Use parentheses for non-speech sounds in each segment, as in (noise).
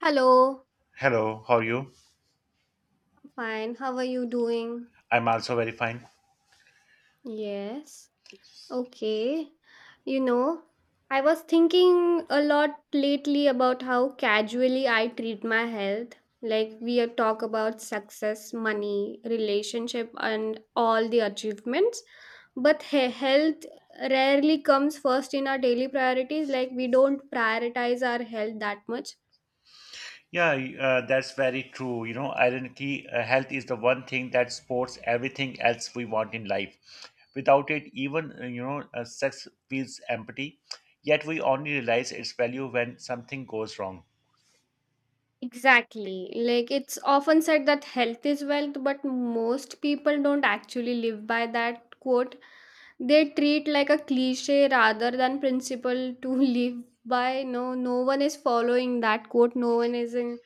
Hello, Hello, how are you? I'm fine. How are you doing? I'm also very fine. Yes. Okay. You know, I was thinking a lot lately about how casually I treat my health. Like we are talk about success, money, relationship and all the achievements, but health rarely comes first in our daily priorities. Like we don't prioritize our health that much. Yeah, that's very true. You know, ironically, health is the one thing that supports everything else we want in life. Without it, even, sex feels empty. Yet we only realize its value when something goes wrong. Exactly. Like it's often said that health is wealth, but most people don't actually live by that quote. They treat like a cliche rather than principle to (laughs) live by. No, no one is following that quote. No one is in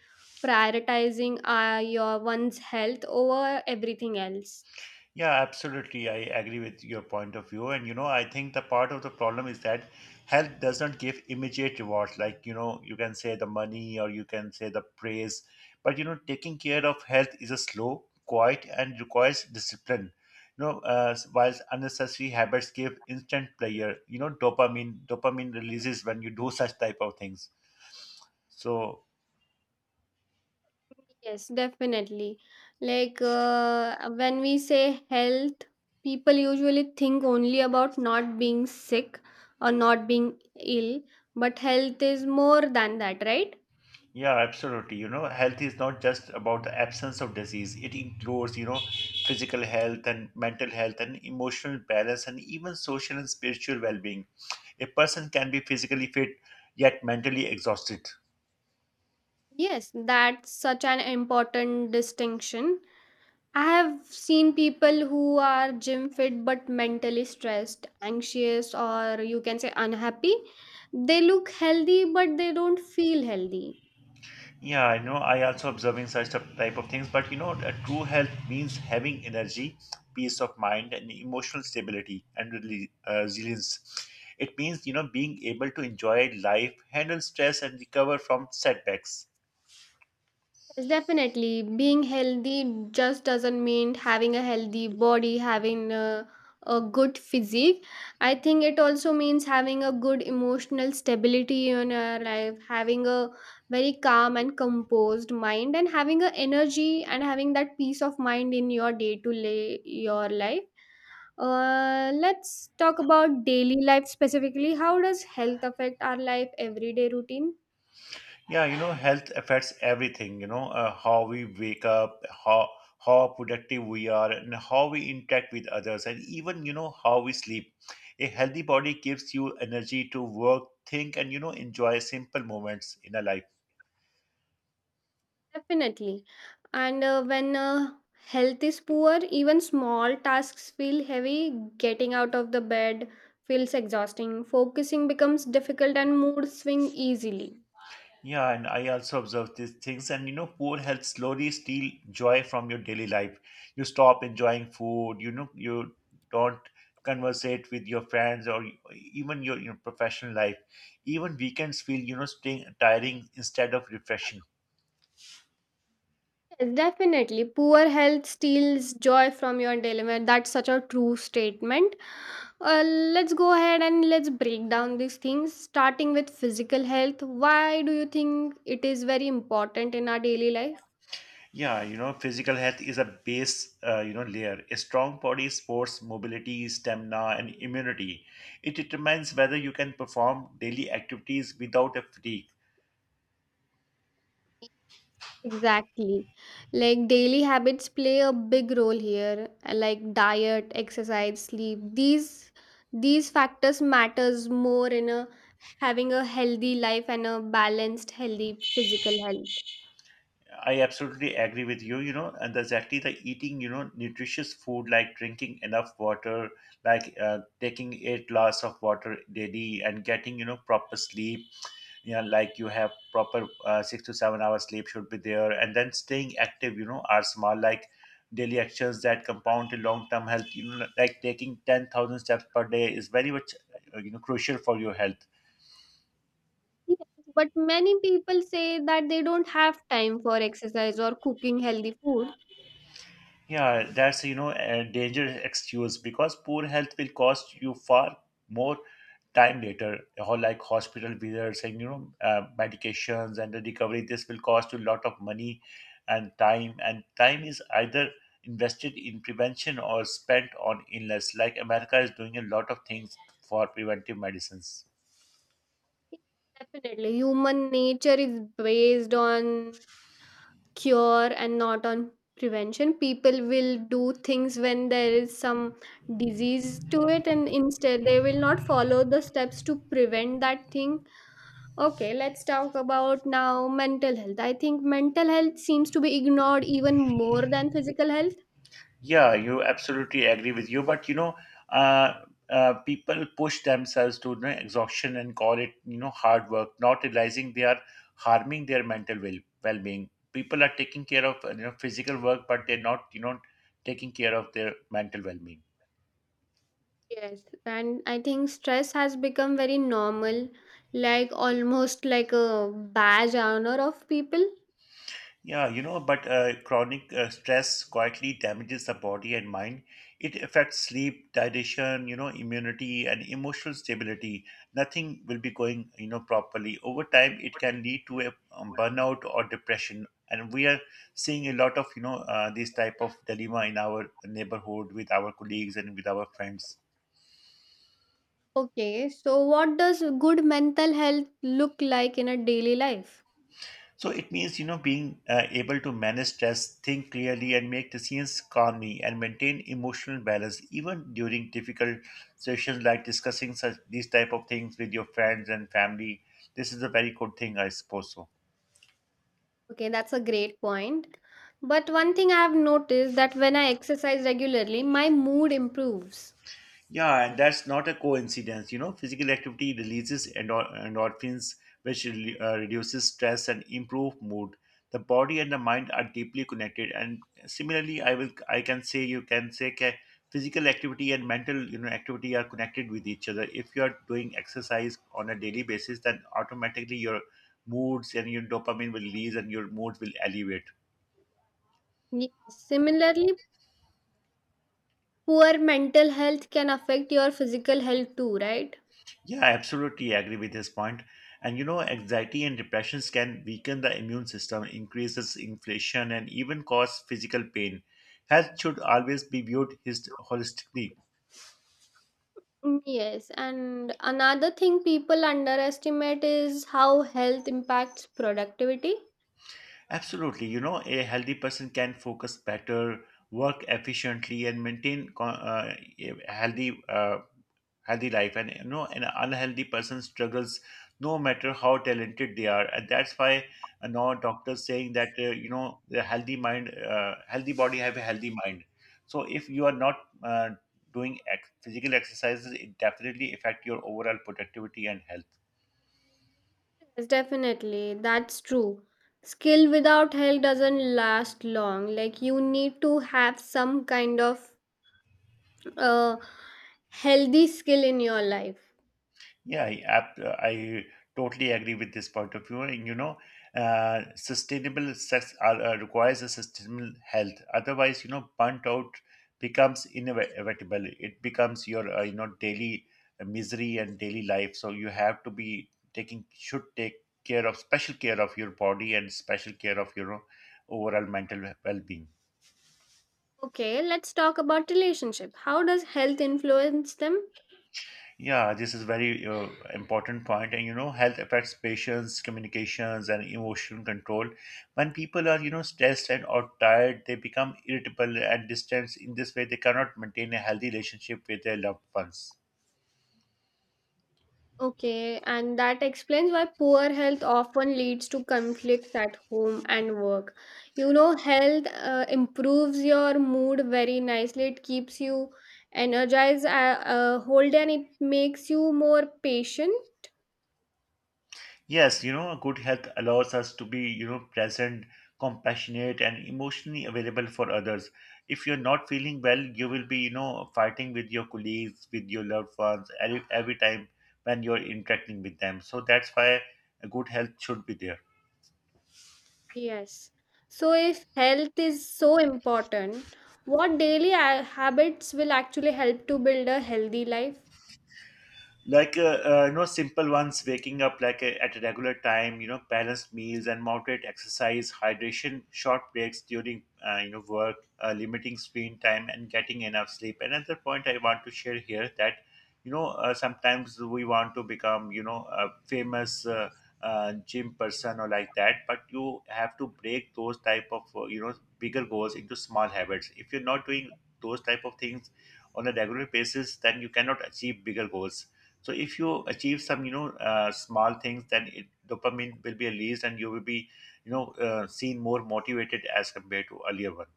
prioritizing your one's health over everything else. Yeah, absolutely. I agree with your point of view. And, you know, I think the part of the problem is that health does not give immediate rewards. Like, you know, you can say the money or you can say the praise. But, you know, taking care of health is a slow, quiet, and requires discipline. You know, whilst unnecessary habits give instant pleasure, you know, dopamine releases when you do such type of things. So Yes, definitely. When we say health, people usually think only about not being sick or not being ill, but health is more than that, right? yeah, absolutely. You know, health is not just about the absence of disease. It includes, you know, physical health and mental health and emotional balance and even social and spiritual well-being. A person can be physically fit yet mentally exhausted. Yes, that's such an important distinction. I have seen people who are gym fit but mentally stressed, anxious, or you can say unhappy. They look healthy, but they don't feel healthy. Yeah, I know. I also observing such type of things, but you know, a true health means having energy, peace of mind, and emotional stability and resilience. It means you know being able to enjoy life, handle stress, and recover from setbacks. Yes, definitely. Being healthy just doesn't mean having a healthy body, having a good physique. I think it also means having a good emotional stability in our life, having a very calm and composed mind, and having a energy and having that peace of mind in your day to lay your life. Let's talk about daily life specifically. How does health affect our life everyday routine? Yeah, you know, health affects everything, you know, how we wake up, how productive we are, and how we interact with others, and even, you know, how we sleep. A healthy body gives you energy to work, think, and, you know, enjoy simple moments in a life. Definitely. And when health is poor, even small tasks feel heavy. Getting out of the bed feels exhausting. Focusing becomes difficult and mood swing easily. Yeah, and I also observe these things. And you know, poor health slowly steal joy from your daily life. You stop enjoying food. You know, you don't conversate with your friends or even your professional life. Even weekends feel you know staying tiring instead of refreshing. Yes, definitely. Poor health steals joy from your daily life. That's such a true statement. Let's go ahead and let's break down these things, starting with physical health. Why do you think it is very important in our daily life? Yeah, you know, physical health is a base, you know, layer. A strong body supports mobility, stamina, and immunity. It determines whether you can perform daily activities without a fatigue. Exactly. Like daily habits play a big role here, like diet, exercise, sleep. These factors matters more in a having a healthy life and a balanced healthy physical health. I absolutely agree with you. You know, and exactly the eating, you know, nutritious food like drinking enough water, like taking 8 glass of water daily, and getting you know proper sleep. You know, like you have proper 6 to 7 hours sleep should be there, and then staying active. You know, are small like daily actions that compound to long-term health. You know, like taking 10,000 steps per day is very much you know crucial for your health. Yes, but many people say that they don't have time for exercise or cooking healthy food. Yeah, that's you know a dangerous excuse because poor health will cost you far more time later, or like hospital visits and you know medications and the recovery. This will cost you a lot of money and time is either invested in prevention or spent on illness. Like America is doing a lot of things for preventive medicines. Yes, definitely. Human nature is based on cure and not on prevention. People will do things when there is some disease to it, and instead they will not follow the steps to prevent that thing. Okay, let's talk about now mental health. I think mental health seems to be ignored even more than physical health. Yeah, you absolutely agree with you. But you know, uh, people push themselves to you know, exhaustion and call it you know hard work, not realizing they are harming their mental well being. People are taking care of you know physical work, but they're not you know taking care of their mental well being. Yes, and I think stress has become very normal, like almost like a badge honor of people. Yeah, you know, but chronic stress quietly damages the body and mind. It affects sleep, digestion, you know, immunity, and emotional stability. Nothing will be going, you know, properly. Over time, it can lead to a burnout or depression. And we are seeing a lot of, you know, this type of dilemma in our neighborhood with our colleagues and with our friends. Okay, so what does good mental health look like in a daily life? So it means, you know, being able to manage stress, think clearly, and make decisions calmly, and maintain emotional balance even during difficult situations like discussing such these type of things with your friends and family. This is a very good thing, I suppose so. Okay, that's a great point. But one thing I have noticed that when I exercise regularly, my mood improves. Yeah, and that's not a coincidence. You know, physical activity releases endorphins, which reduces stress and improve mood. The body and the mind are deeply connected, and similarly, I can say you can say that physical activity and mental you know activity are connected with each other. If you are doing exercise on a daily basis, then automatically your moods and your dopamine will release, and your mood will elevate. Yes. Similarly, poor mental health can affect your physical health too, right? Yeah, I absolutely agree with his point. And you know, anxiety and depressions can weaken the immune system, increases inflation, and even cause physical pain. Health should always be viewed his holistically. Mm, yes, and another thing people underestimate is how health impacts productivity. Absolutely, you know, a healthy person can focus better, work efficiently, and maintain a healthy life and you know an unhealthy person struggles no matter how talented they are, and that's why, now doctors saying that you know the healthy mind, healthy body have a healthy mind. So if you are not uh, doing physical exercises, it definitely affect your overall productivity and health. Yes, definitely, that's true. Skill without health doesn't last long. Like, you need to have some kind of uh, healthy skill in your life. Yeah, I totally agree with this point of view. And you know, sustainable sex are, requires a sustainable health. Otherwise, you know, burnt out becomes inevitable. It becomes your, you know, daily misery and daily life. So you have to be taking, should take care of special care of your body and special care of your overall mental well-being. Okay, let's talk about relationship. How does health influence them? Yeah, this is very important point, and you know, health affects patients, communications, and emotional control. When people are, you know, stressed and or tired, they become irritable and distant. In this way, they cannot maintain a healthy relationship with their loved ones. Okay, and that explains why poor health often leads to conflicts at home and work. You know, health improves your mood very nicely. It keeps you energized, whole day, and it makes you more patient. Yes, you know, good health allows us to be, you know, present, compassionate, and emotionally available for others. If you're not feeling well, you will be, you know, fighting with your colleagues, with your loved ones, every time when you're interacting with them. So that's why a good health should be there. Yes. So, if health is so important, what daily habits will actually help to build a healthy life? Like you know, simple ones: waking up like at a regular time, you know, balanced meals and moderate exercise, hydration, short breaks during you know work, limiting screen time, and getting enough sleep. Another point I want to share here that you know, sometimes we want to become you know a famous gym person or like that, but you have to break those type of you know bigger goals into small habits. If you're not doing those type of things on a regular basis, then you cannot achieve bigger goals. So if you achieve some you know small things, then it, dopamine will be released and you will be you know seen more motivated as compared to earlier one.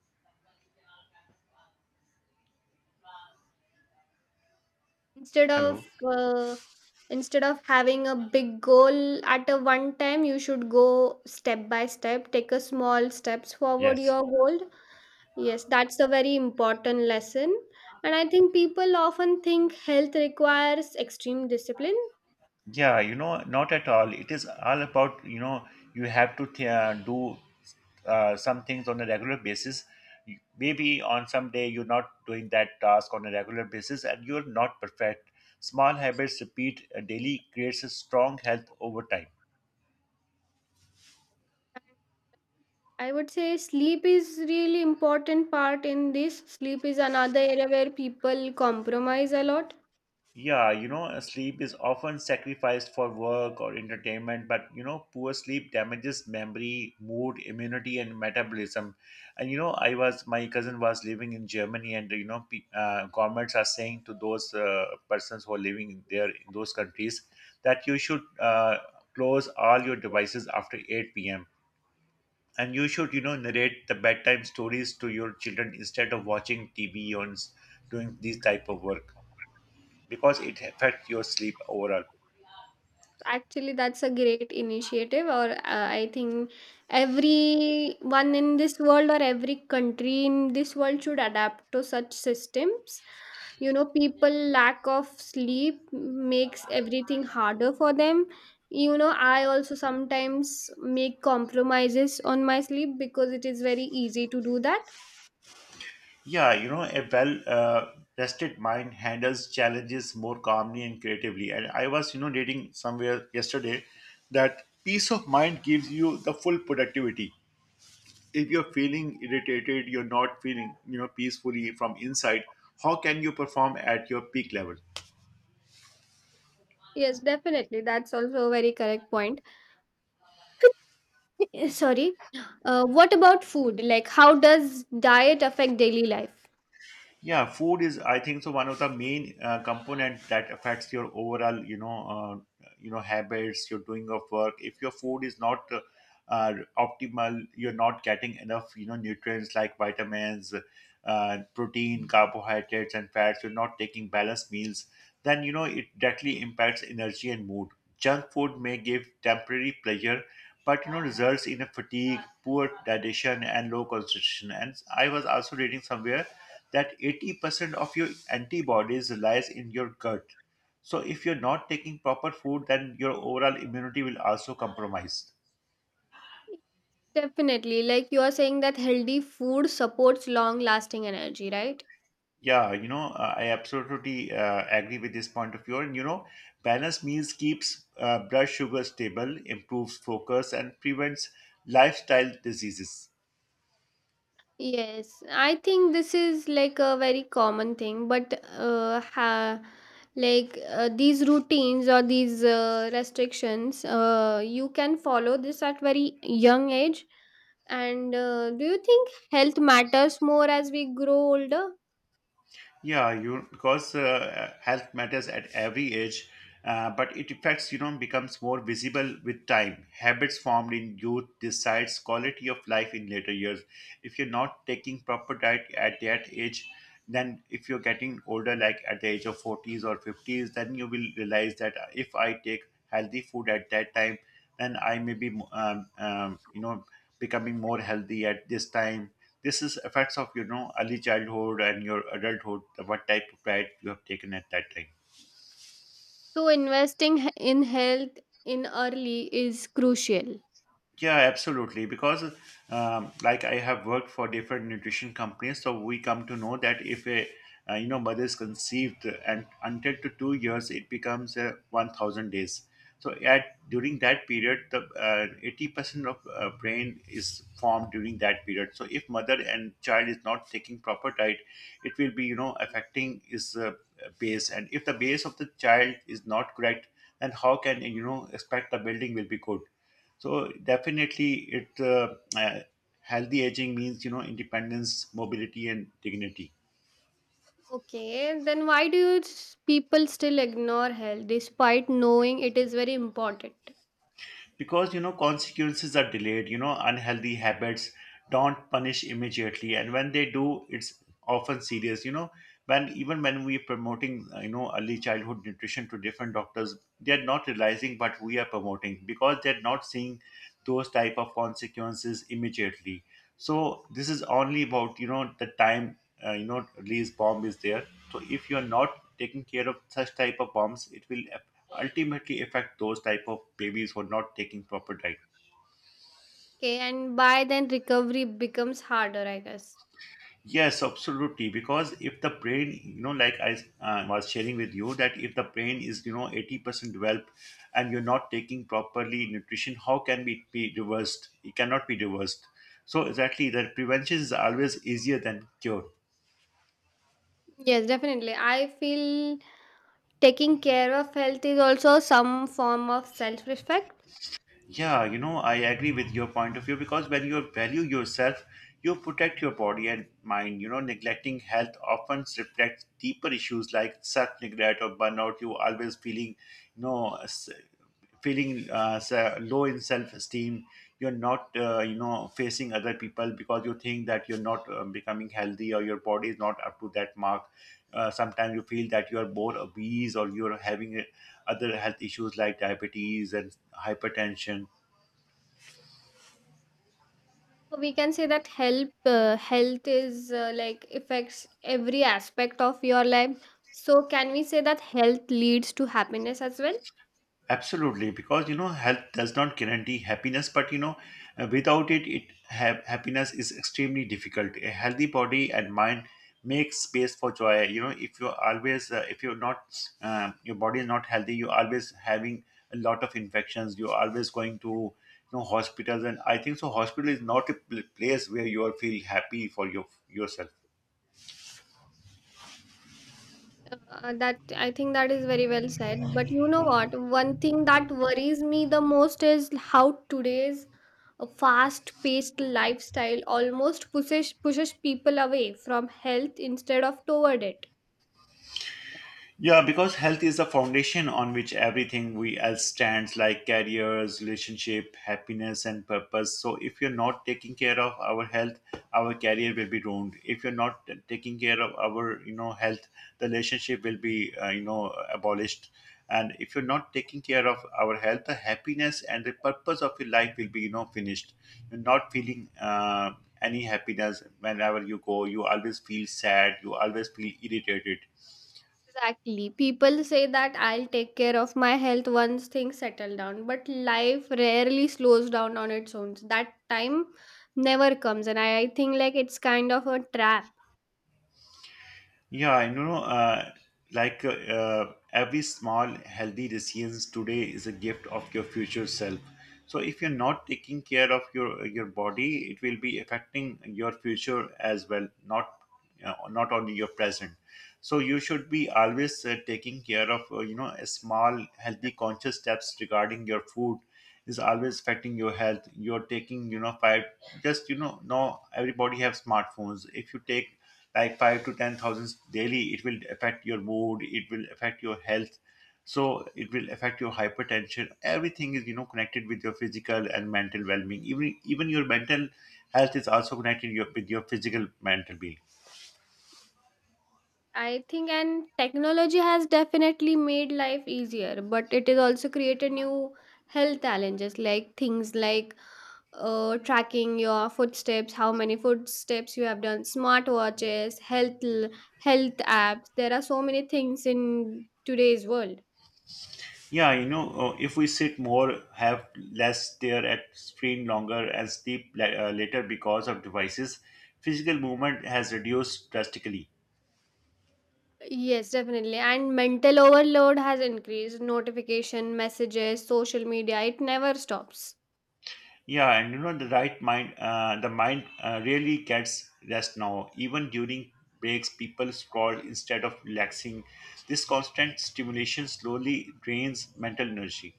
instead Hello. of uh, instead of having a big goal at a one time, you should go step by step, take a small steps forward Yes. your goal. Yes, that's a very important lesson. And I think people often think health requires extreme discipline. Yeah, you know, not at all. It is all about you know, you have to do some things on a regular basis. Maybe on some day you're not doing that task on a regular basis and you're not perfect. Small habits repeat daily creates a strong health over time. I would say sleep is really important part in this. Sleep is another area where people compromise a lot. Yeah, you know, sleep is often sacrificed for work or entertainment, but you know, poor sleep damages memory, mood, immunity, and metabolism. And you know, I was my cousin was living in Germany, and you know, governments are saying to those persons who are living there in those countries that you should close all your devices after 8 p.m. and you should, you know, narrate the bedtime stories to your children instead of watching TV or doing these type of work, because it affects your sleep overall. Actually, that's a great initiative, or I think everyone in this world or every country in this world should adapt to such systems. You know, people lack of sleep makes everything harder for them. You know, I also sometimes make compromises on my sleep because it is very easy to do that. Yeah, you know, a well rested mind handles challenges more calmly and creatively. And I was, you know, reading somewhere yesterday that peace of mind gives you the full productivity. If you're feeling irritated, you're not feeling, you know, peacefully from inside, how can you perform at your peak level? Yes, definitely. That's also a very correct point. (laughs) Sorry. What about food? Like, how does diet affect daily life? Yeah, food is, I think, so one of the main component that affects your overall, you know, habits, your doing of work. If your food is not optimal, you're not getting enough, you know, nutrients like vitamins, protein, carbohydrates, and fats. You're not taking balanced meals. Then you know it directly impacts energy and mood. Junk food may give temporary pleasure, but you know results in a fatigue, poor digestion and low concentration. And I was also reading somewhere that 80% of your antibodies lies in your gut, so if you're not taking proper food, then your overall immunity will also compromise. Definitely. Like you are saying that healthy food supports long lasting energy, right? Yeah, you know, I absolutely agree with this point of view. And you know, balanced meals keeps blood sugar stable, improves focus and prevents lifestyle diseases. Yes. I think this is like a very common thing, but ha like these routines or these restrictions you can follow this at very young age. And do you think health matters more as we grow older? Yeah, you because health matters at every age, but it affects you know becomes more visible with time. Habits formed in youth decides quality of life in later years. If you're not taking proper diet at that age, then if you're getting older, like at the age of forties or fifties, then you will realize that if I take healthy food at that time, then I may be becoming more healthy at this time. This is effects of early childhood and your adulthood, what type of diet you have taken at that time. So investing in health in early is crucial. Yeah, absolutely. Because like I have worked for different nutrition companies, so we come to know that if a mother is conceived and until to 2 years, it becomes 1,000 days. So at during that period, the 80% of brain is formed during that period. So if mother and child is not taking proper diet, it will be affecting his base. And if the base of the child is not correct, then how can expect the building will be good? So definitely, it healthy aging means independence, mobility, and dignity. Okay, then why do people still ignore health despite knowing it is very important? Because consequences are delayed. Unhealthy habits don't punish immediately, and when they do, it's often serious. When even when we're promoting early childhood nutrition to different doctors, they're not realizing what we are promoting because they're not seeing those type of consequences immediately. So this is only about the time. Release bomb is there. So if you're not taking care of such type of bombs, it will ultimately affect those type of babies who are not taking proper diet. Okay, and by then recovery becomes harder, I guess. Yes, absolutely. Because if the brain, like I was sharing with you, that if the brain is 80% developed and you're not taking properly nutrition, how can it be reversed? It cannot be reversed. So exactly that prevention is always easier than cure. Yes, definitely. I feel taking care of health is also some form of self-respect. Yeah, I agree with your point of view because when you value yourself, you protect your body and mind. Neglecting health often reflects deeper issues like self-neglect or burnout. You always feeling, you know, s- feeling low in self-esteem. You're not, facing other people because you think that you're not becoming healthy or your body is not up to that mark. Sometimes you feel that you are more obese or you're having other health issues like diabetes and hypertension. So we can say that help health is like affects every aspect of your life. So can we say that health leads to happiness as well? Absolutely, because health does not guarantee happiness, but without it, happiness is extremely difficult. A healthy body and mind makes space for joy. If you're not, your body is not healthy, you're always having a lot of infections. You're always going to hospitals, and I think so. Hospital is not a place where you are feel happy for yourself. That I think that is very well said. But you know what? One thing that worries me the most is how today's fast-paced lifestyle almost pushes people away from health instead of toward it. Yeah, because health is the foundation on which everything we else stands, like careers, relationship, happiness, and purpose. So, if you're not taking care of our health, our career will be ruined. If you're not taking care of our, health, the relationship will be, abolished. And if you're not taking care of our health, the happiness and the purpose of your life will be, finished. You're not feeling any happiness whenever you go. You always feel sad. You always feel irritated. Exactly. People say that I'll take care of my health once things settle down, but life rarely slows down on its own. That time never comes, and I think like it's kind of a trap. Yeah, I know, like every small healthy decisions today is a gift of your future self. So if you're not taking care of your body, it will be affecting your future as well, not not only your present. So you should be always taking care of a small healthy conscious steps regarding your food is always affecting your health. You're taking, five. Just, now everybody have smartphones. If you take like five to ten thousands daily, it will affect your mood, it will affect your health. So it will affect your hypertension. Everything is, connected with your physical and mental well-being. Even your mental health is also connected with your physical mental being. I think and technology has definitely made life easier, but it has also created new health challenges, like things like tracking your footsteps, how many footsteps you have done, smartwatches, health apps. There are so many things in today's world. Yeah, if we sit more, have less stare at screen longer, and sleep later because of devices, physical movement has reduced drastically. Yes, definitely. And mental overload has increased. Notification, messages, social media, it never stops. Yeah, and the mind really gets rest now. Even during breaks, people scroll instead of relaxing. This constant stimulation slowly drains mental energy.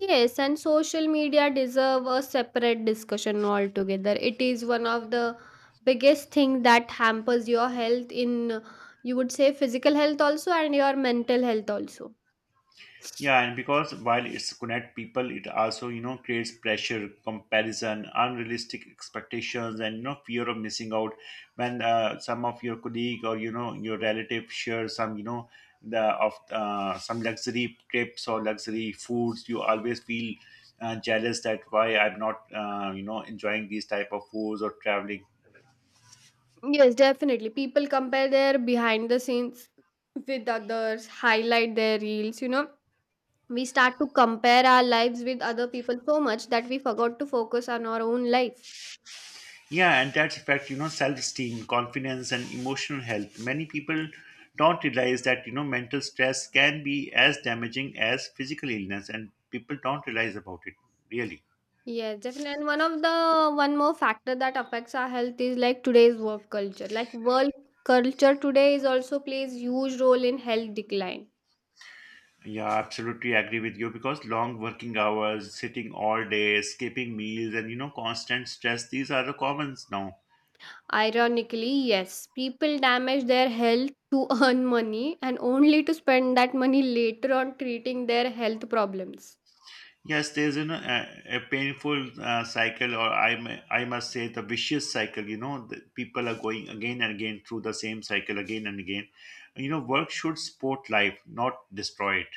Yes, and social media deserve a separate discussion altogether. It is one of the biggest thing that hampers your health in, you would say, physical health also and your mental health also. Yeah, and because while it's connect people, it also creates pressure, comparison, unrealistic expectations, and fear of missing out. When some of your colleague or your relative share some you know the of some luxury trips or luxury foods, you always feel jealous that why I'm not enjoying these type of foods or traveling. Yes, definitely. People compare their behind the scenes with others, highlight their reels, you know. We start to compare our lives with other people so much that we forgot to focus on our own life. Yeah, and that's affect, self-esteem, confidence, and emotional health. Many people don't realize that, mental stress can be as damaging as physical illness, and people don't realize about it, really. Yeah, definitely. And one of the one more factor that affects our health is like today's work culture. Like world culture today is also plays huge role in health decline. Yeah, absolutely agree with you because long working hours, sitting all day, skipping meals, and, constant stress, these are the commons now. Ironically, yes, people damage their health to (laughs) earn money and only to spend that money later on treating their health problems. Yes, there's a painful cycle, or I must say the vicious cycle. The people are going again and again through the same cycle again and again. Work should support life, not destroy it.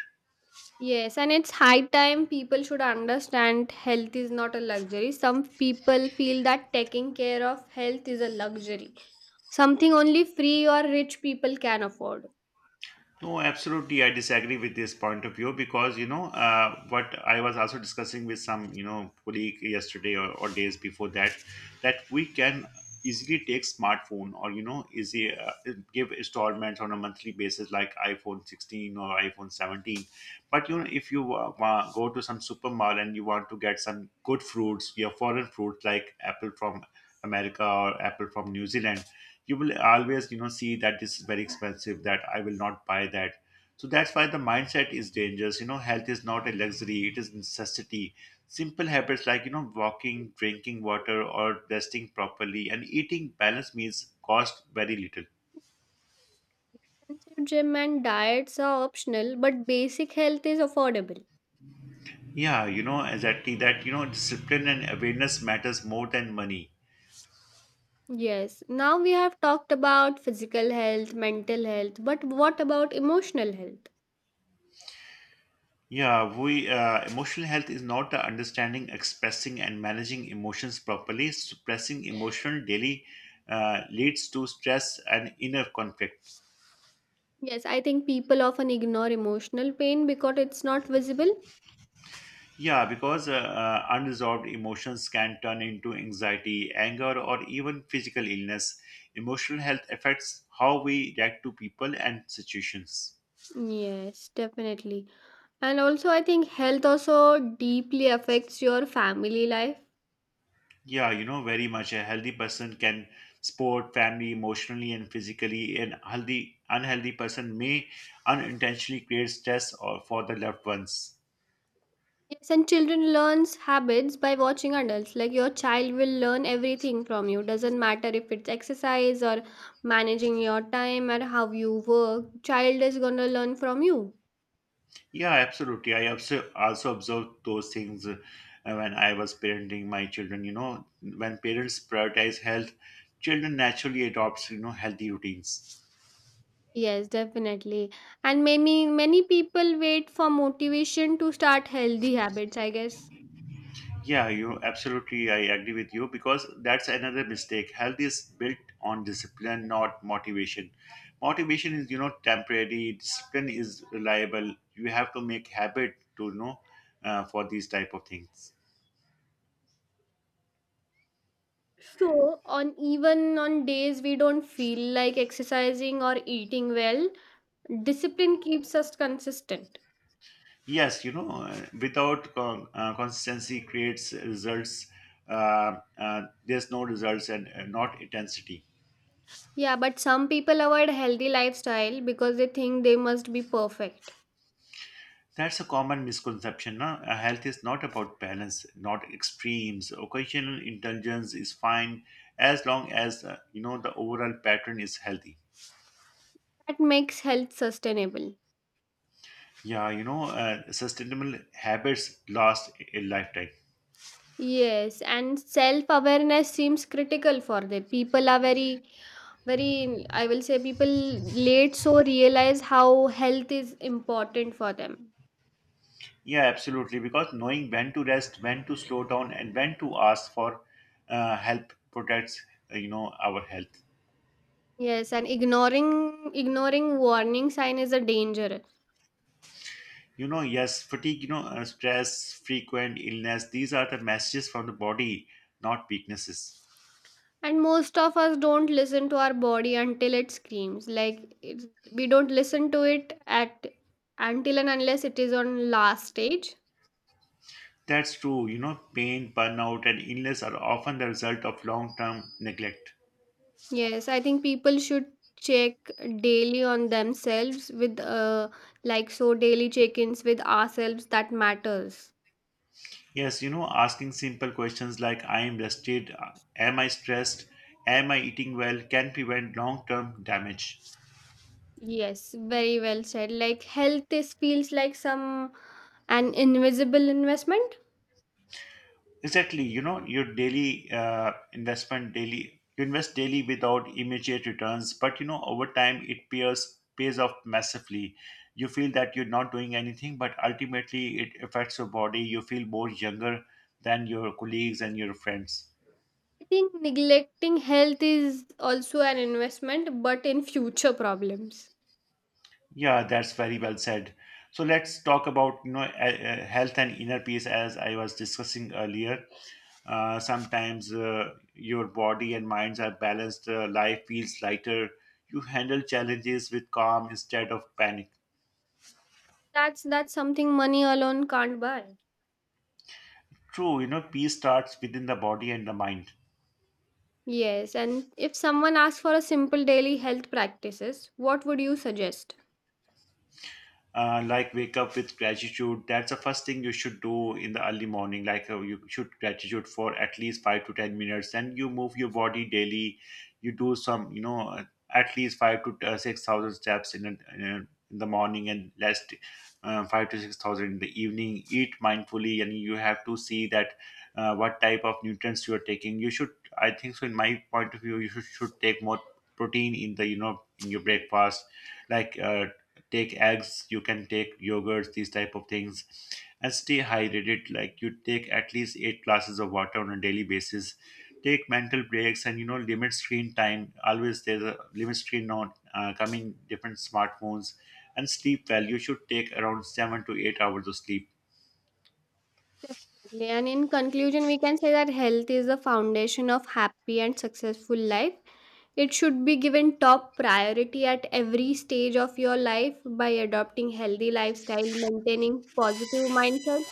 Yes, and it's high time people should understand health is not a luxury. Some people feel that taking care of health is a luxury, something only free or rich people can afford. No, absolutely. I disagree with this point of view because, what I was also discussing with some, colleague yesterday, or days before that, that we can easily take smartphone, or, easy give installments on a monthly basis like iPhone 16 or iPhone 17. But, if you go to some super mall and you want to get some good fruits, your foreign fruits like apple from America or apple from New Zealand, you will always see that this is very expensive. That I will not buy that. So that's why the mindset is dangerous. Health is not a luxury; it is necessity. Simple habits like walking, drinking water, or resting properly and eating balanced meals cost very little. Expensive gym and diets are optional, but basic health is affordable. Yeah, exactly that. Discipline and awareness matters more than money. Yes, now we have talked about physical health, mental health, but what about emotional health? Yeah, we emotional health is not understanding, expressing, and managing emotions properly. Suppressing emotion daily leads to stress and inner conflict. Yes, I think people often ignore emotional pain because it's not visible. Yeah, because unresolved emotions can turn into anxiety, anger, or even physical illness. Emotional health affects how we react to people and situations. Yes, definitely. And also, I think health also deeply affects your family life. Yeah, very much. A healthy person can support family emotionally and physically. An unhealthy person may unintentionally create stress or for the loved ones. Yes, and children learns habits by watching adults. Like your child will learn everything from you. Doesn't matter if it's exercise or managing your time or how you work. Child is gonna learn from you. Yeah, absolutely. I also observed those things when I was parenting my children. When parents prioritize health, children naturally adopts healthy routines. Yes, definitely. And many people wait for motivation to start healthy habits, I guess. Yeah, you absolutely. I agree with you because that's another mistake. Health is built on discipline, not motivation. Motivation is, temporary. Discipline is reliable. You have to make habit to you know for these type of things. So on even on days we don't feel like exercising or eating well, discipline keeps us consistent. Yes, you know, without con- consistency creates results. There's no results and not intensity. Yeah, but some people avoid healthy lifestyle because they think they must be perfect. That's a common misconception, no? Health is not about balance, not extremes. Occasional indulgence is fine as long as the overall pattern is healthy. That makes health sustainable. Yeah, sustainable habits last a lifetime. Yes, and self awareness seems critical for that. People are very, very, I will say, people late so realize how health is important for them. Yeah, absolutely. Because knowing when to rest, when to slow down, and when to ask for help protects our health. Yes, and ignoring warning sign is a danger. Yes, fatigue, stress, frequent illness. These are the messages from the body, not weaknesses. And most of us don't listen to our body until it screams, like we don't listen to it at until and unless it is on last stage. That's true. Pain, burnout, and illness are often the result of long term neglect. Yes, I think people should check daily on themselves with like so daily check-ins with ourselves that matters. Yes, asking simple questions like I am rested, am I stressed, am I eating well can prevent long term damage. Yes, very well said. Like health is feels like some an invisible investment. Exactly. Your daily investment, daily, you invest daily without immediate returns, but over time it pays off massively. You feel that you're not doing anything, but ultimately it affects your body. You feel more younger than your colleagues and your friends. I think neglecting health is also an investment but in future problems. Yeah, that's very well said. So let's talk about health and inner peace as I was discussing earlier. Sometimes your body and minds are balanced. Life feels lighter. You handle challenges with calm instead of panic. That's something money alone can't buy. True, peace starts within the body and the mind. Yes, and if someone asks for a simple daily health practices, what would you suggest? Like, wake up with gratitude. That's the first thing you should do in the early morning. Like, you should gratitude for at least 5 to 10 minutes. And you move your body daily. You do some, at least 5 to 6,000 steps in the morning, and last, 5 to 6,000 in the evening. Eat mindfully, and you have to see that what type of nutrients you are taking. You should, I think so, in my point of view, you should take more protein in your breakfast. Like, take eggs. You can take yogurts, these type of things. And stay hydrated. Like, you take at least 8 glasses of water on a daily basis. Take mental breaks, and limit screen time. Always there's a limit screen on coming different smartphones. And sleep well. You should take around 7 to 8 hours of sleep. And in conclusion, we can say that health is the foundation of happy and successful life. It should be given top priority at every stage of your life. By adopting healthy lifestyle, maintaining positive mindset,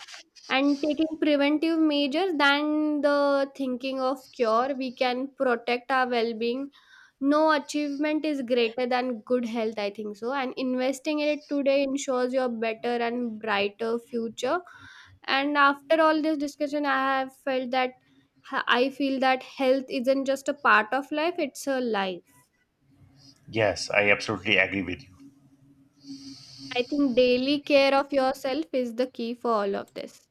and taking preventive measures than the thinking of cure, we can protect our well-being. No achievement is greater than good health, I think so. And investing in it today ensures your better and brighter future. And after all this discussion, I have felt that I feel that health isn't just a part of life, it's a life. I think daily care of yourself is the key for all of this.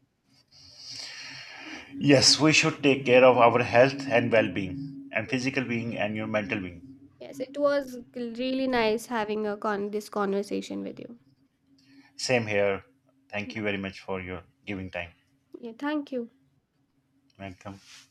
Yes, we should take care of our health and well-being and Yes. physical being and your mental being. Yes, it was really nice having a this conversation with you. Same here. Thank you very much for your giving time. Yeah, thank you. Welcome.